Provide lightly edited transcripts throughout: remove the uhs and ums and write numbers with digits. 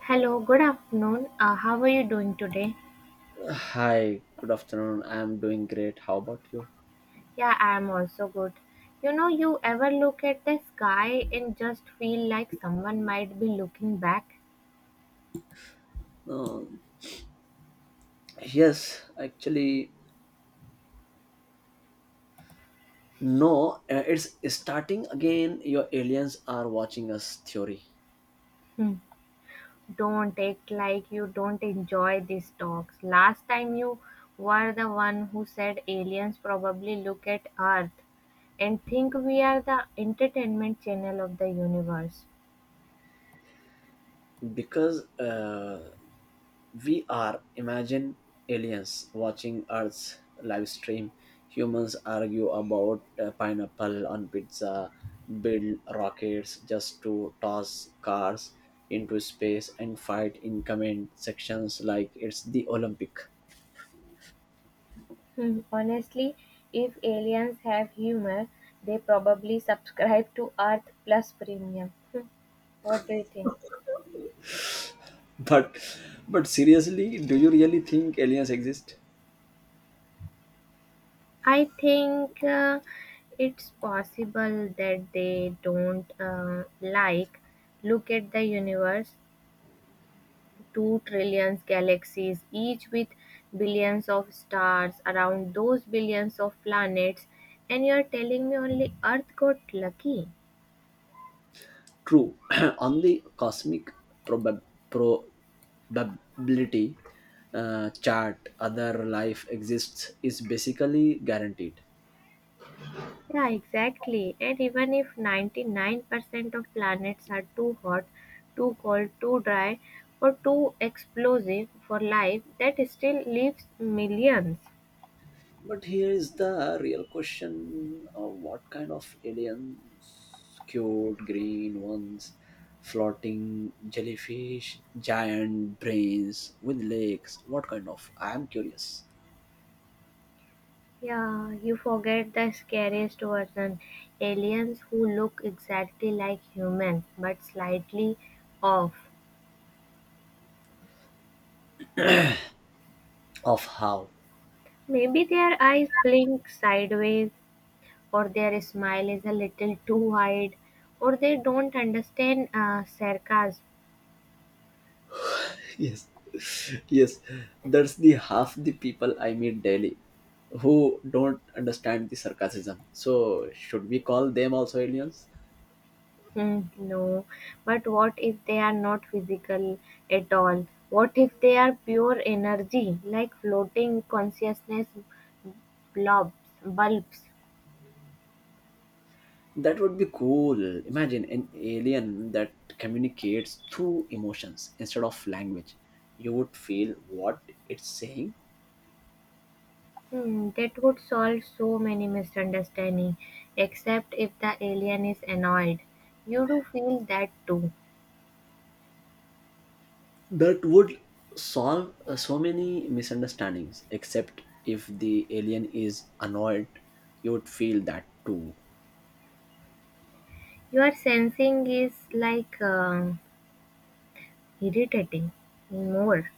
Hello, good afternoon. How are you doing today? Hi, good afternoon. I'm doing great. How about you? Yeah, I am also good. You know, you ever look at the sky and just feel like someone might be looking back? Um, yes, actually, no, it's starting again. Your aliens are watching us theory Hmm. Don't act like you don't enjoy these talks. Last time you were the one who said aliens probably look at Earth and think we are the entertainment channel of the universe. because we are imagine aliens watching Earth's live stream. Humans argue about pineapple on pizza, build rockets just to toss cars into space, and fight in comment sections like it's the Olympic. Hmm, honestly, if aliens have humor, they probably subscribe to Earth Plus Premium. Hmm, what do you think? but but seriously, do you really think aliens exist? I think it's possible that they don't, like, look at the universe, two trillions galaxies, each with billions of stars around those billions of planets, and you're telling me only Earth got lucky. True. On the cosmic probab- probability chart, other life exists is basically guaranteed. Yeah, exactly. And even if 99% of planets are too hot, too cold, too dry, or too explosive for life, that still leaves millions. But here is the real question of what kind of aliens: cute green ones, floating jellyfish, giant brains with legs? What kind? Of I am curious Yeah, you forget the scariest version, aliens who look exactly like humans but slightly off. of how. Maybe their eyes blink sideways, or their smile is a little too wide, or they don't understand sarcasm. Yes, yes, that's the half the people I meet daily who don't understand the sarcasm. So should we call them also aliens? Hmm, no, but what if they are not physical at all? What if they are pure energy, like floating consciousness blobs, bulbs? That would be cool. Imagine an alien that communicates through emotions instead of language. You would feel what it's saying. Hmm, that would solve so many misunderstandings, except if the alien is annoyed. You do feel that too. That would solve so many misunderstandings, except if the alien is annoyed. You would feel that too. Your sensing is like, irritating more.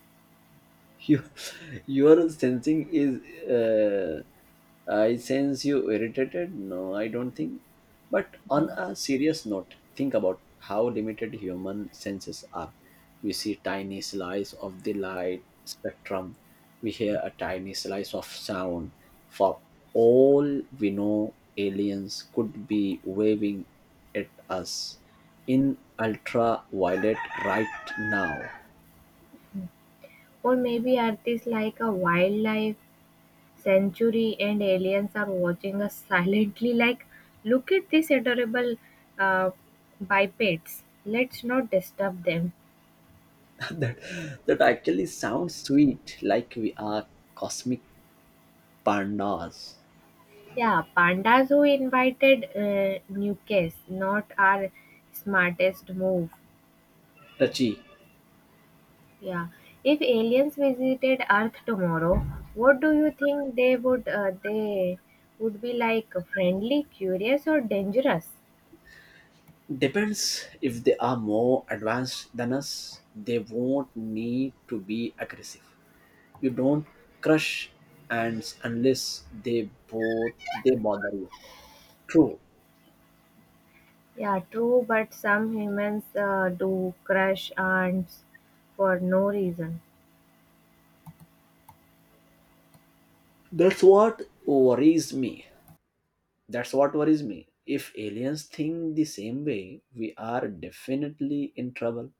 You. Your sensing is, uh, I sense you irritated. No, I don't think. But on a serious note, think about how limited human senses are. We see tiny slice of the light spectrum, we hear a tiny slice of sound. For all we know, aliens could be waving at us in ultraviolet right now. Or maybe Earth is like a wildlife Century and aliens are watching us silently, like, look at these adorable uh, bipeds. Let's not disturb them. That that actually sounds sweet. Like we are cosmic pandas. Yeah, pandas who invited nukes, not our smartest move. Touchy. Yeah, if aliens visited Earth tomorrow, what do you think they would be like? Friendly, curious, or dangerous? Depends, if they are more advanced than us they won't need to be aggressive. You don't crush ants unless they both they bother you. True. Yeah, true, but some humans do crush ants for no reason. That's what worries me, that's what worries me. If aliens think the same way, we are definitely in trouble.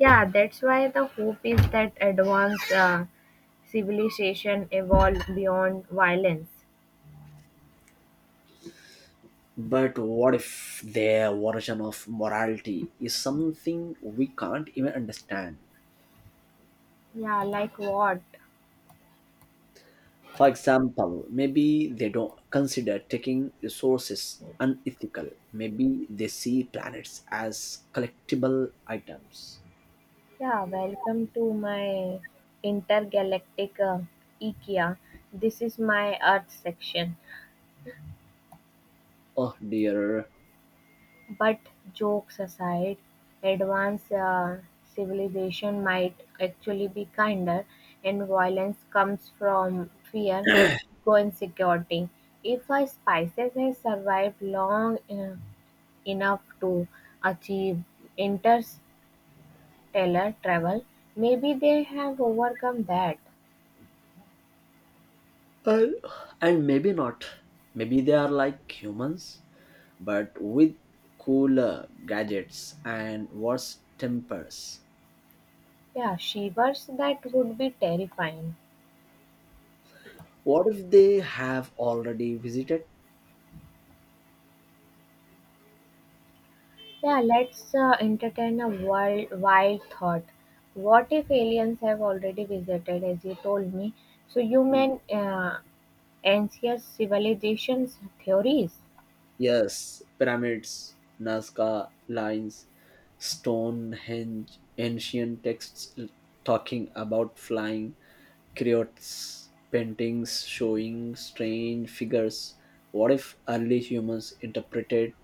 Yeah, that's why the hope is that advanced civilization evolve beyond violence. But what if their version of morality is something we can't even understand? Yeah, like what? For example, maybe they don't consider taking resources unethical. Maybe they see planets as collectible items. Yeah, welcome to my intergalactic IKEA. This is my Earth section. Oh dear. But jokes aside, advanced civilization might actually be kinder, and violence comes from fear, ego, and security. If a species has survived long enough to achieve interstellar travel, maybe they have overcome that. And, and maybe not. Maybe they are like humans, but with cooler gadgets and worse tempers. Yeah, shivers, that would be terrifying. What if they have already visited? Yeah, let's entertain a wild thought. What if aliens have already visited, as you told me? So you mean ancient civilizations theories? Yes, pyramids, Nazca lines, Stonehenge, ancient texts talking about flying creotes, paintings showing strange figures. What if early humans interpreted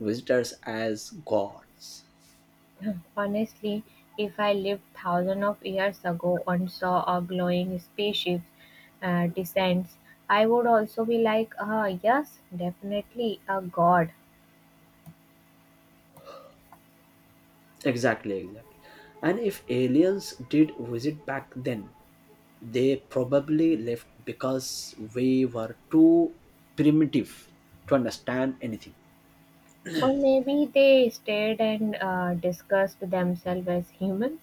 visitors as gods? Honestly, if I lived thousands of years ago and saw a glowing spaceship descends, I would also be like, ah, yes, definitely a god. Exactly, exactly. And if aliens did visit back then, they probably left because we were too primitive to understand anything. Or maybe they stared and discussed themselves as humans.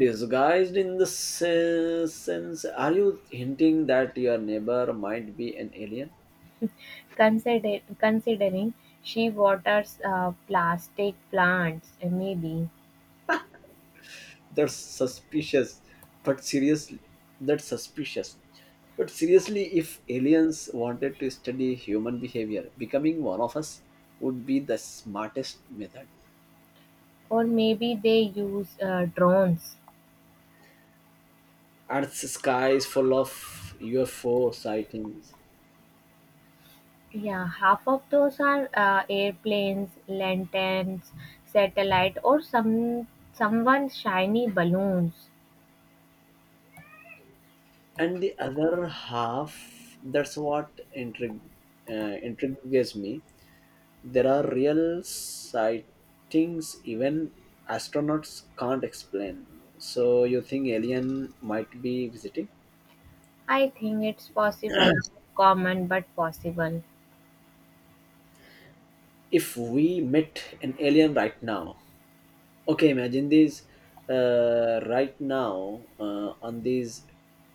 Disguised in the sense, are you hinting that your neighbor might be an alien? Considering she waters plastic plants, maybe, That's suspicious, but seriously, that's suspicious. But seriously, if aliens wanted to study human behavior, becoming one of us would be the smartest method. or maybe they use drones. Earth's sky is full of UFO sightings, Yeah, half of those are, airplanes, lanterns, satellite, or someone's shiny balloons. and the other half, that's what intrigues me. There are real sightings even astronauts can't explain. So you think alien might be visiting? I think it's possible, common but possible. If we met an alien right now, okay, imagine this, right now, on this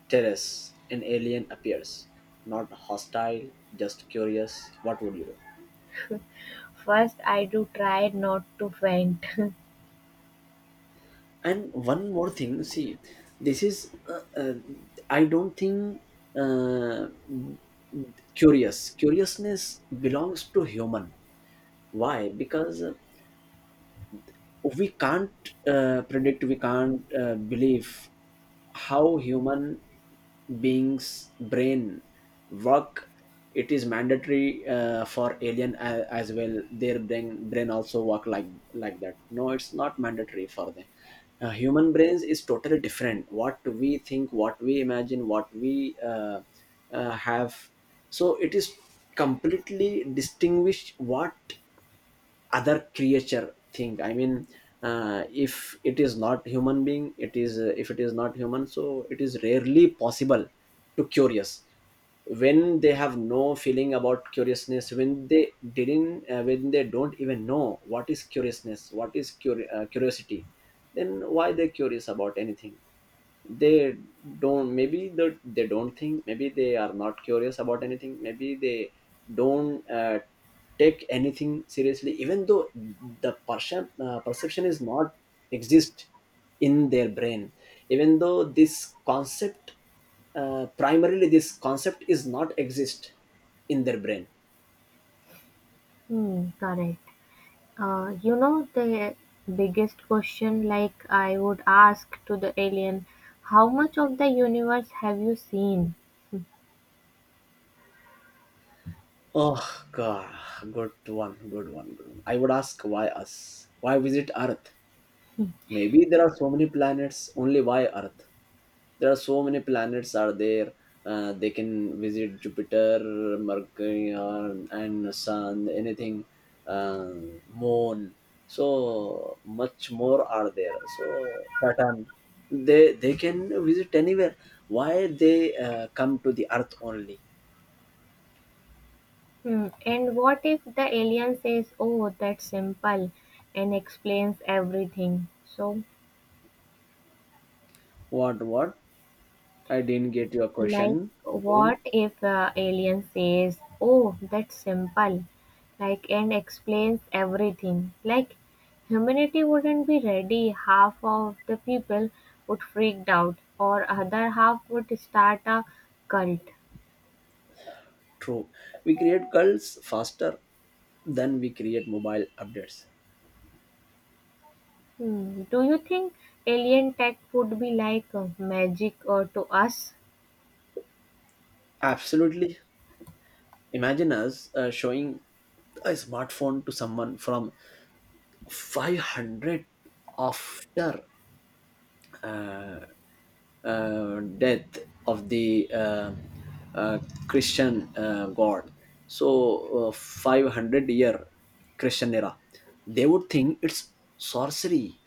terrace, an alien appears. Not hostile, just curious. What would you do? First, I do try not to faint. And one more thing, see, this is, I don't think uh, curiousness belongs to human. Why? Because we can't predict, we can't believe how human beings brain work. It is mandatory for alien as well, their brain also work like that. No, it's not mandatory for them. Human brains is totally different, what we think, what we imagine, what we have. So it is completely distinguished what other creature thing, I mean, if it is not human being, it is, if it is not human, so it is rarely possible to curious. When they have no feeling about curiousness, when they didn't, when they don't even know what is curiousness, what is curiosity, then why they curious about anything? They don't. Maybe they don't think. Maybe they are not curious about anything. Maybe they don't take anything seriously, even though the perception is not exist in their brain, even though this concept primarily this concept is not exist in their brain. Hmm, correct. You know, the biggest question, like I would ask to the alien, how much of the universe have you seen? Oh god, good one, good one, good one. I would ask, why us? Why visit Earth? Maybe there are so many planets, only why Earth? There are so many planets, are there? They can visit Jupiter, Mercury, and Sun, anything, uh, Moon, so much more are there, so Saturn, they can visit anywhere. Why they come to the Earth only? Hmm. And what if the alien says, oh, that's simple, and explains everything? So, What? I didn't get your like, question. Again. what if alien says, "Oh, that's simple," like, and explains everything? Like, humanity wouldn't be ready. Half of the people would freaked out, or other half would start a cult. True, we create cults faster than we create mobile updates. Hmm. Do you think alien tech would be like magic or to us? Absolutely. Imagine us showing a smartphone to someone from 500, after uh, death of the uh, Christian God. So 500-year Christian era. They would think it's sorcery.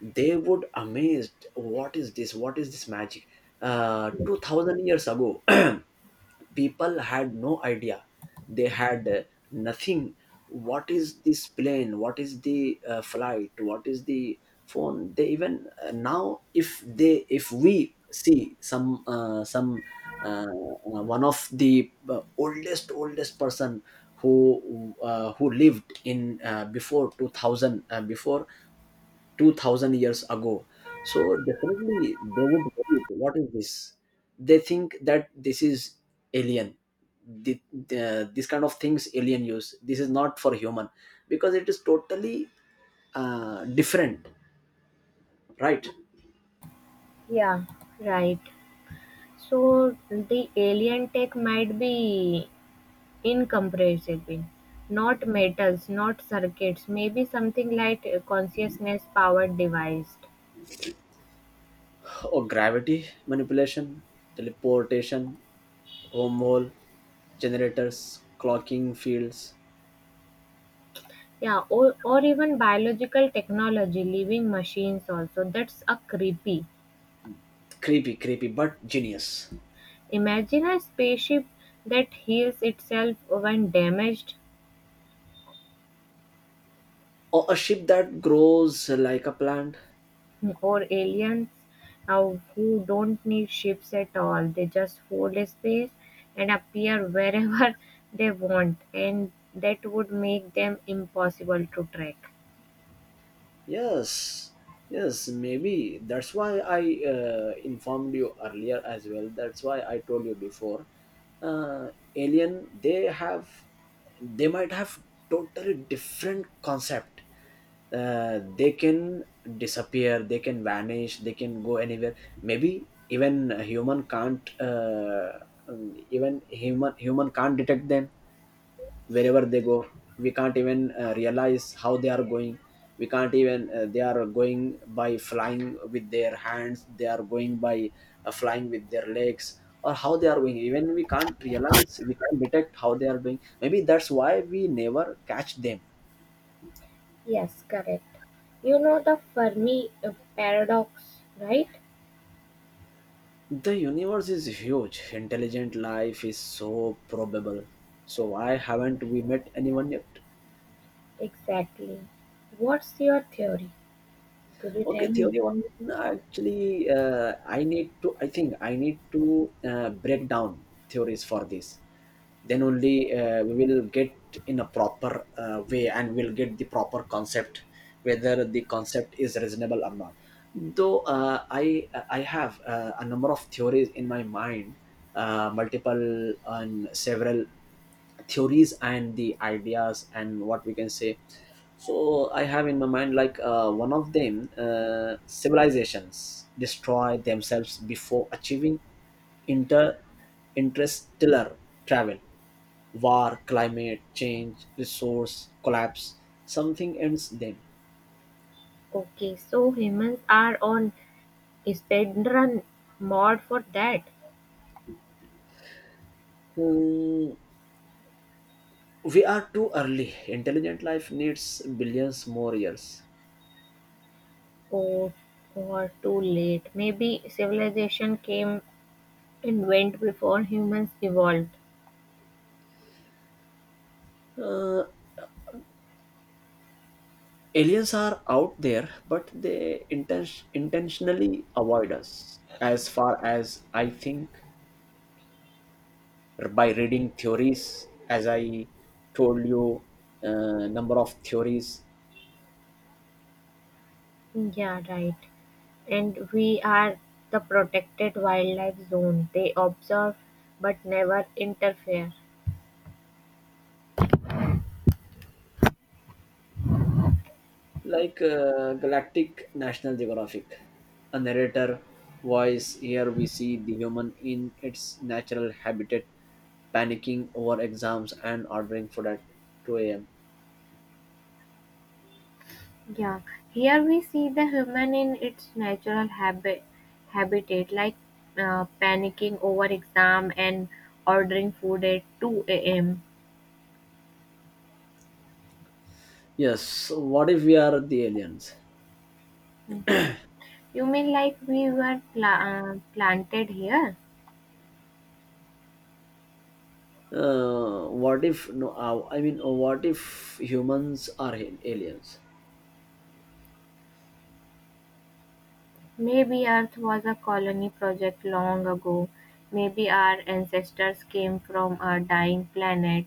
They would amazed. What is this? What is this magic? 2000 years ago. People had no idea. They had nothing. What is this plane? What is the flight? What is the phone? They even now, if we see some one of the oldest person who lived in, before 2000 years ago, so definitely they would worry, what is this? They think that this is alien, this kind of things alien use, this is not for human because it is totally different, right? Yeah, right. So the alien tech might be incompressible, not metals, not circuits, maybe something like consciousness-powered device, Or gravity manipulation, teleportation, wormhole generators, clocking fields. yeah, or even biological technology, living machines also. That's a creepy. Creepy, creepy, but genius. Imagine a spaceship that heals itself when damaged, Or a ship that grows like a plant. or aliens who don't need ships at all. They just fold a space and appear wherever they want, and that would make them impossible to track. Yes, yes, maybe that's why I informed you earlier as well. That's why I told you before. Uh, alien, they might have totally different concept. They can disappear, they can vanish, they can go anywhere. Maybe even a human can't, even human can't detect them wherever they go. We can't even realize how they are going. We can't even, they are going by flying with their hands, they are going by flying with their legs, or how they are going. Even we can't realize, we can't detect how they are doing. Maybe that's why we never catch them. Yes, correct. You know the Fermi paradox, right? The universe is huge, intelligent life is so probable, so why haven't we met anyone yet? Exactly. What's your theory? Could you Okay, tell the me? only one. Actually, I think I need to break down theories for this. Then only we will get in a proper way, and we'll get the proper concept, whether the concept is reasonable or not. Though I have a number of theories in my mind, multiple and several theories and the ideas and what we can say. So I have in my mind, like one of them, civilizations destroy themselves before achieving inter interstellar travel, war, climate change, resource collapse, something ends them. Okay, so humans are on speedrun mod for that. Hmm, we are too early, intelligent life needs billions more years. Oh, or too late. Maybe civilization came and went before humans evolved. Uh, aliens are out there, but they intentionally avoid us, as far as I think, by reading theories, as I told you, number of theories. Yeah, right. And we are the protected wildlife zone. They observe but never interfere. Like galactic National Geographic, a narrator voice. Here we see the human in its natural habitat, panicking over exams and ordering food at 2 a.m. Yeah, here we see the human in its natural habitat, like, panicking over exam and ordering food at 2 a.m. Yes, so what if we are the aliens? You mean like we were planted here? What if no, I mean, what if humans are aliens? Maybe Earth was a colony project long ago. Maybe our ancestors came from a dying planet.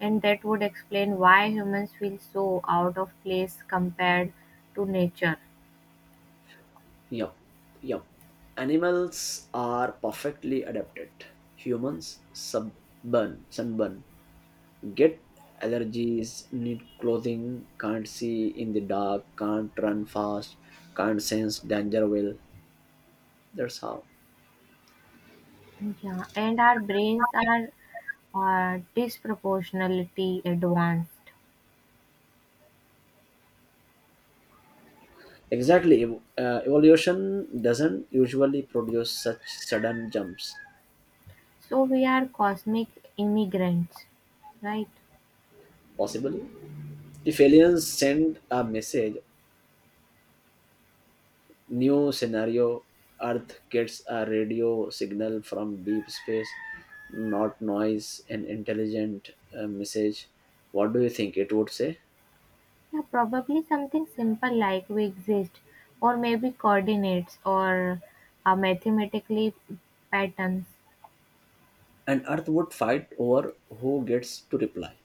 And that would explain why humans feel so out of place compared to nature. Yup, yup. Animals are perfectly adapted. Humans sunburn, get allergies, need clothing, can't see in the dark, can't run fast, can't sense danger well. That's how. Yeah, and our brains are, or disproportionality advanced. Exactly, evolution doesn't usually produce such sudden jumps. So we are cosmic immigrants, right? Possibly. If aliens send a message, new scenario. Earth gets a radio signal from deep space, not noise, an intelligent message. What do you think it would say? Yeah, probably something simple like we exist, or maybe coordinates or mathematically patterns. And Earth would fight over who gets to reply.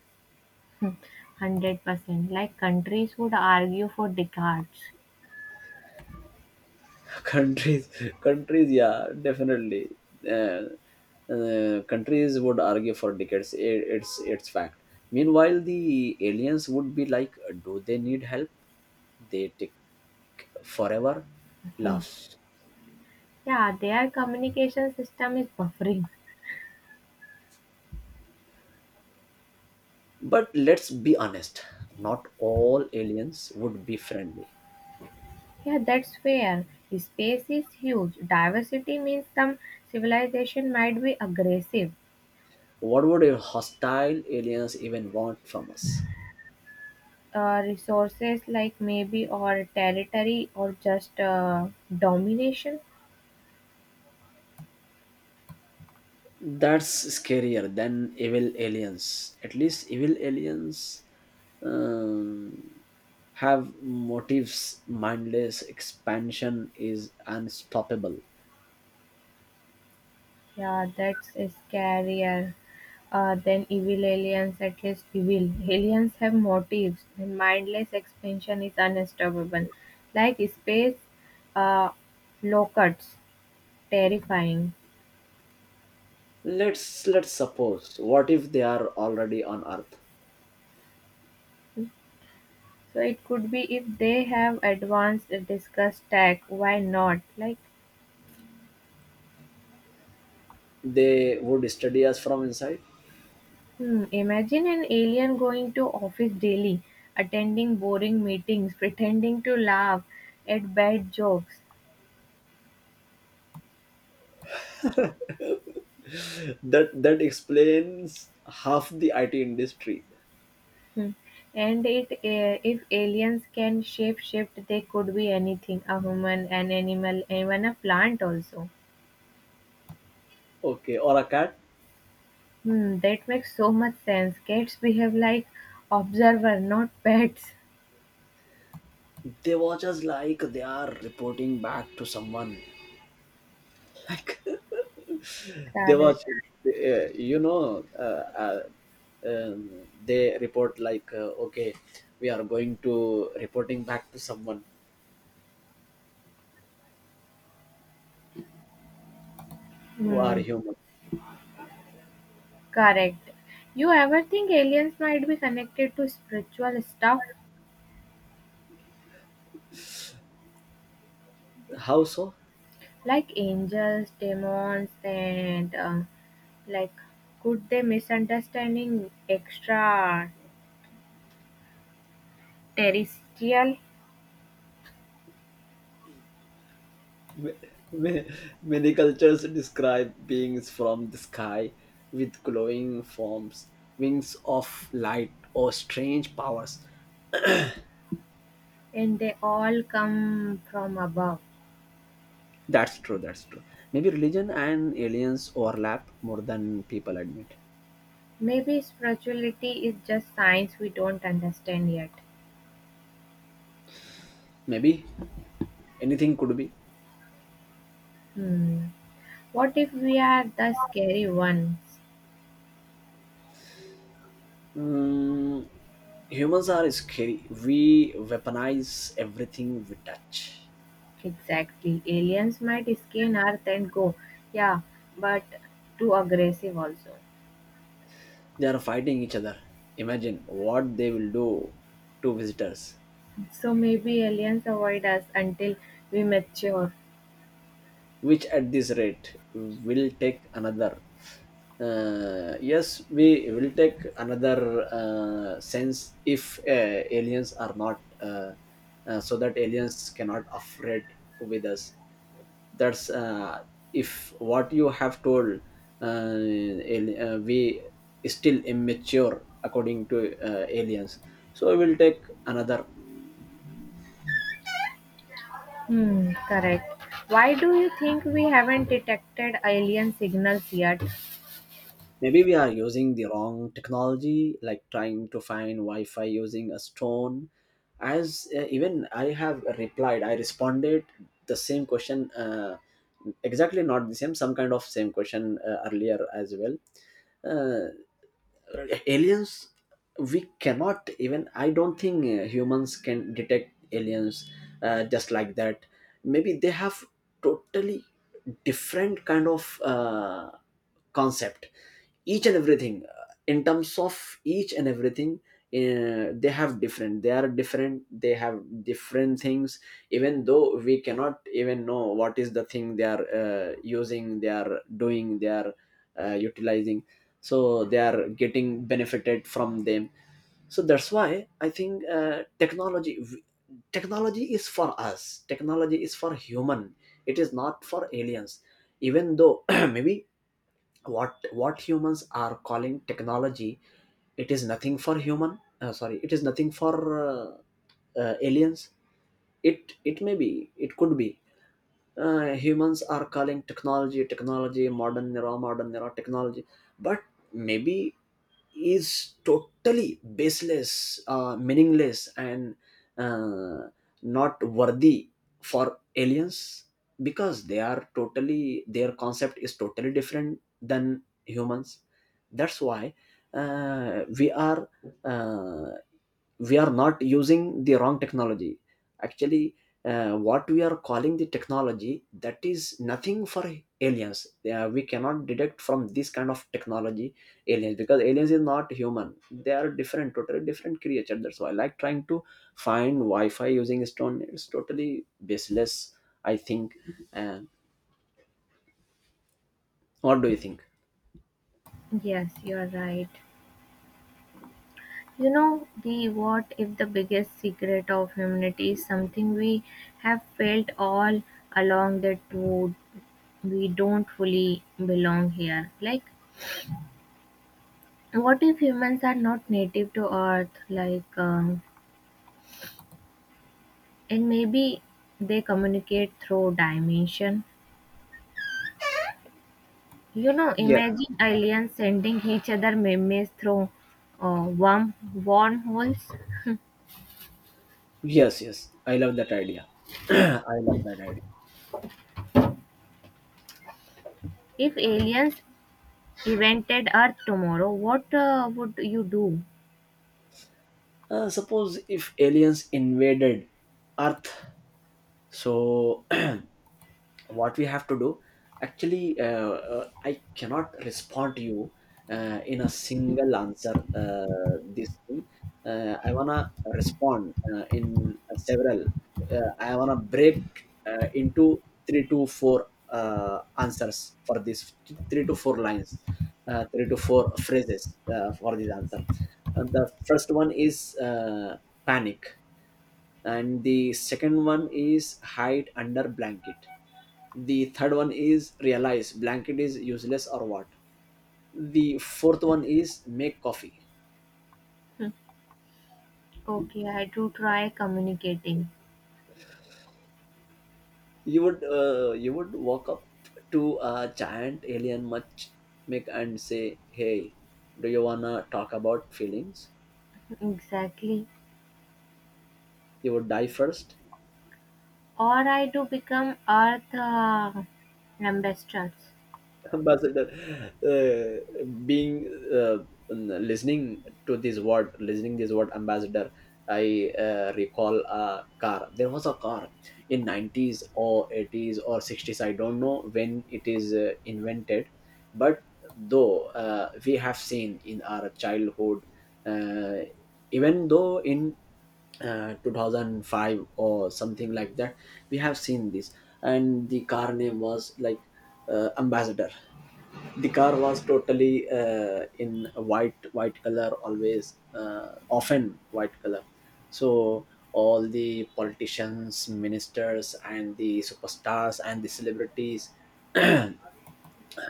100% like countries would argue for Descartes. countries countries, yeah, definitely, uh, countries would argue for decades. It's fact. Meanwhile the aliens would be like, do they need help? They take forever. Laugh. Yeah, their communication system is buffering. But let's be honest, not all aliens would be friendly. Yeah, that's fair. Space is huge. Diversity means some civilization might be aggressive, What would a hostile aliens even want from us? Resources like maybe or territory or just domination. That's scarier than evil aliens. At least evil aliens um, have motives. Mindless expansion is unstoppable. Yeah, that's scarier than evil aliens. At least evil aliens have motives and mindless expansion is unstoppable, like space uh, locusts, terrifying. Let's suppose. What if they are already on Earth? So it could be, if they have advanced discuss tech, why not, like, They would study us from inside. hmm, imagine an alien going to office daily, attending boring meetings, pretending to laugh at bad jokes. That explains half the IT industry. Hmm. And it, eh, if aliens can shapeshift, they could be anything, a human, an animal, even a plant also. Okay, or a cat. Hmm, that makes so much sense. Cats behave like observer, not pets. They watch us like they are reporting back to someone. Like they Correct. watch, you know, they report, like, okay, we are going to reporting back to someone who are Hmm, human. correct. You ever think aliens might be connected to spiritual stuff? How so? Like angels, demons, and like, could they misunderstanding extraterrestrial, Ma- ma- Many cultures describe beings from the sky with glowing forms, wings of light, or strange powers. and they all come from above. That's true, that's true. Maybe religion and aliens overlap more than people admit. Maybe spirituality is just science we don't understand yet. Maybe anything could be. Hmm. What if we are the scary ones? Mm, Humans are scary. We weaponize everything we touch. Exactly. Aliens might scan Earth and go. Yeah, but too aggressive also. They are fighting each other. Imagine what they will do to visitors. So maybe aliens avoid us until we mature. Which at this rate will take another— yes, we will take another— sense if aliens are not so that aliens cannot afraid with us. That's If what you have told, we is still immature according to aliens, so we will take another. Hmm, correct. Why do you think we haven't detected alien signals yet? Maybe we are using the wrong technology, like trying to find Wi Fi using a stone. As even I have replied, I responded the same question, exactly not the same, some kind of same question earlier as well. Uh, Right. Aliens, we cannot even— I don't think humans can detect aliens just like that. Maybe they have totally different kind of uh, concept, each and everything in terms of each and everything. They have different— they are different, they have different things. Even though, we cannot even know what is the thing they are using, they are doing, they are utilizing, so they are getting benefited from them. So that's why I think technology is for us, technology is for human, it is not for aliens. Even though maybe what humans are calling technology, it is nothing for human— sorry, it is nothing for uh, aliens. It may be, it could be humans are calling technology, technology, modern era technology, but maybe is totally baseless, meaningless and uh, not worthy for aliens, because they are totally— their concept is totally different than humans. That's why we are— uh, we are not using the wrong technology, actually. What we are calling the technology, that is nothing for aliens. We cannot detect from this kind of technology aliens, because aliens is not human, they are different, totally different creature. That's why, like trying to find wi-fi using stone is totally baseless, I think. And what do you think? Yes, you're right. You know, the what if the biggest secret of humanity is something we have felt all along, that would, we don't fully belong here. Like, what if humans are not native to Earth? Like, and maybe they communicate through dimension. You know, Yeah, imagine aliens sending each other memes through wormholes. yes, yes, I love that idea. I love that idea. If aliens invented Earth tomorrow, what would you do? Suppose if aliens invaded earth, so what we have to do? Actually, I cannot respond to you in a single answer, this thing. I wanna respond in several— I wanna break into three to four answers for this, three to four lines, three to four phrases for this answer. The first one is panic, and the second one is hide under blanket, the third one is realize blanket is useless or what, the fourth one is make coffee. Okay, I do try communicating. You would— you would walk up to a giant alien much, make and say, hey, do you wanna talk about feelings? Exactly. You would die first. Or I do become Earth ambassadors. Ambassador, being uh, listening to this word, listening this word ambassador, I recall a car, there was a car in 90's or 80's or 60's, I don't know when it is invented, but though we have seen in our childhood, uh, even though in 2005 or something like that we have seen this, and the car name was like ambassador. The car was totally in a white color, always often white color. So all the politicians, ministers, and the superstars and the celebrities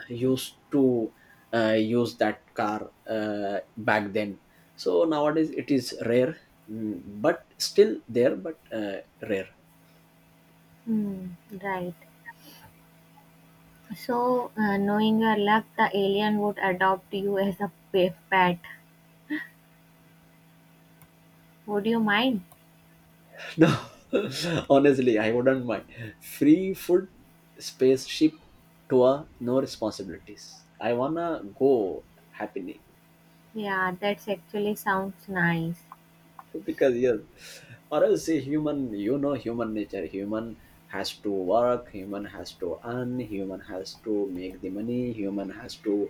used to use that car back then. So nowadays it is rare. Mm, but still there, but rare. Hmm, right. So, knowing your luck, the alien would adopt you as a pet. Would you mind? No, honestly, I wouldn't mind. Free food, spaceship tour, no responsibilities, I wanna go happily. Yeah, that's actually sounds nice. Because, yes, or else, see, human, you know, human nature, human has to work, human has to earn, human has to make the money, human has to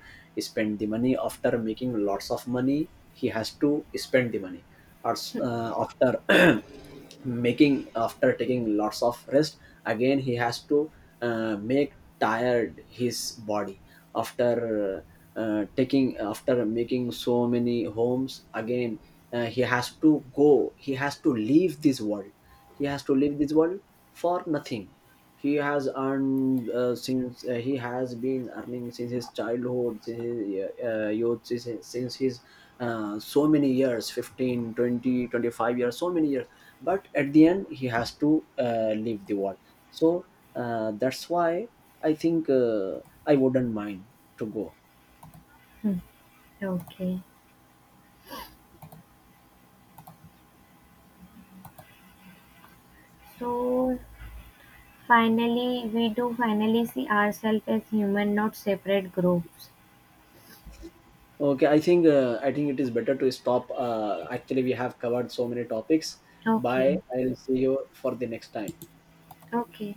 spend the money after making lots of money, he has to spend the money. After making— after taking lots of rest, again he has to make tired his body. After taking— after making so many homes, again he has to go, he has to leave this world, he has to leave this world for nothing. He has earned— since he has been earning since his childhood, since his youth, since his so many years, 15, 20, 25 years, so many years, but at the end he has to leave the world. So that's why I think I wouldn't mind to go. Okay. So finally, we do finally see ourselves as human, not separate groups. Okay, I think I think it is better to stop. Actually, we have covered so many topics. Okay. Bye, I'll see you for the next time. Okay.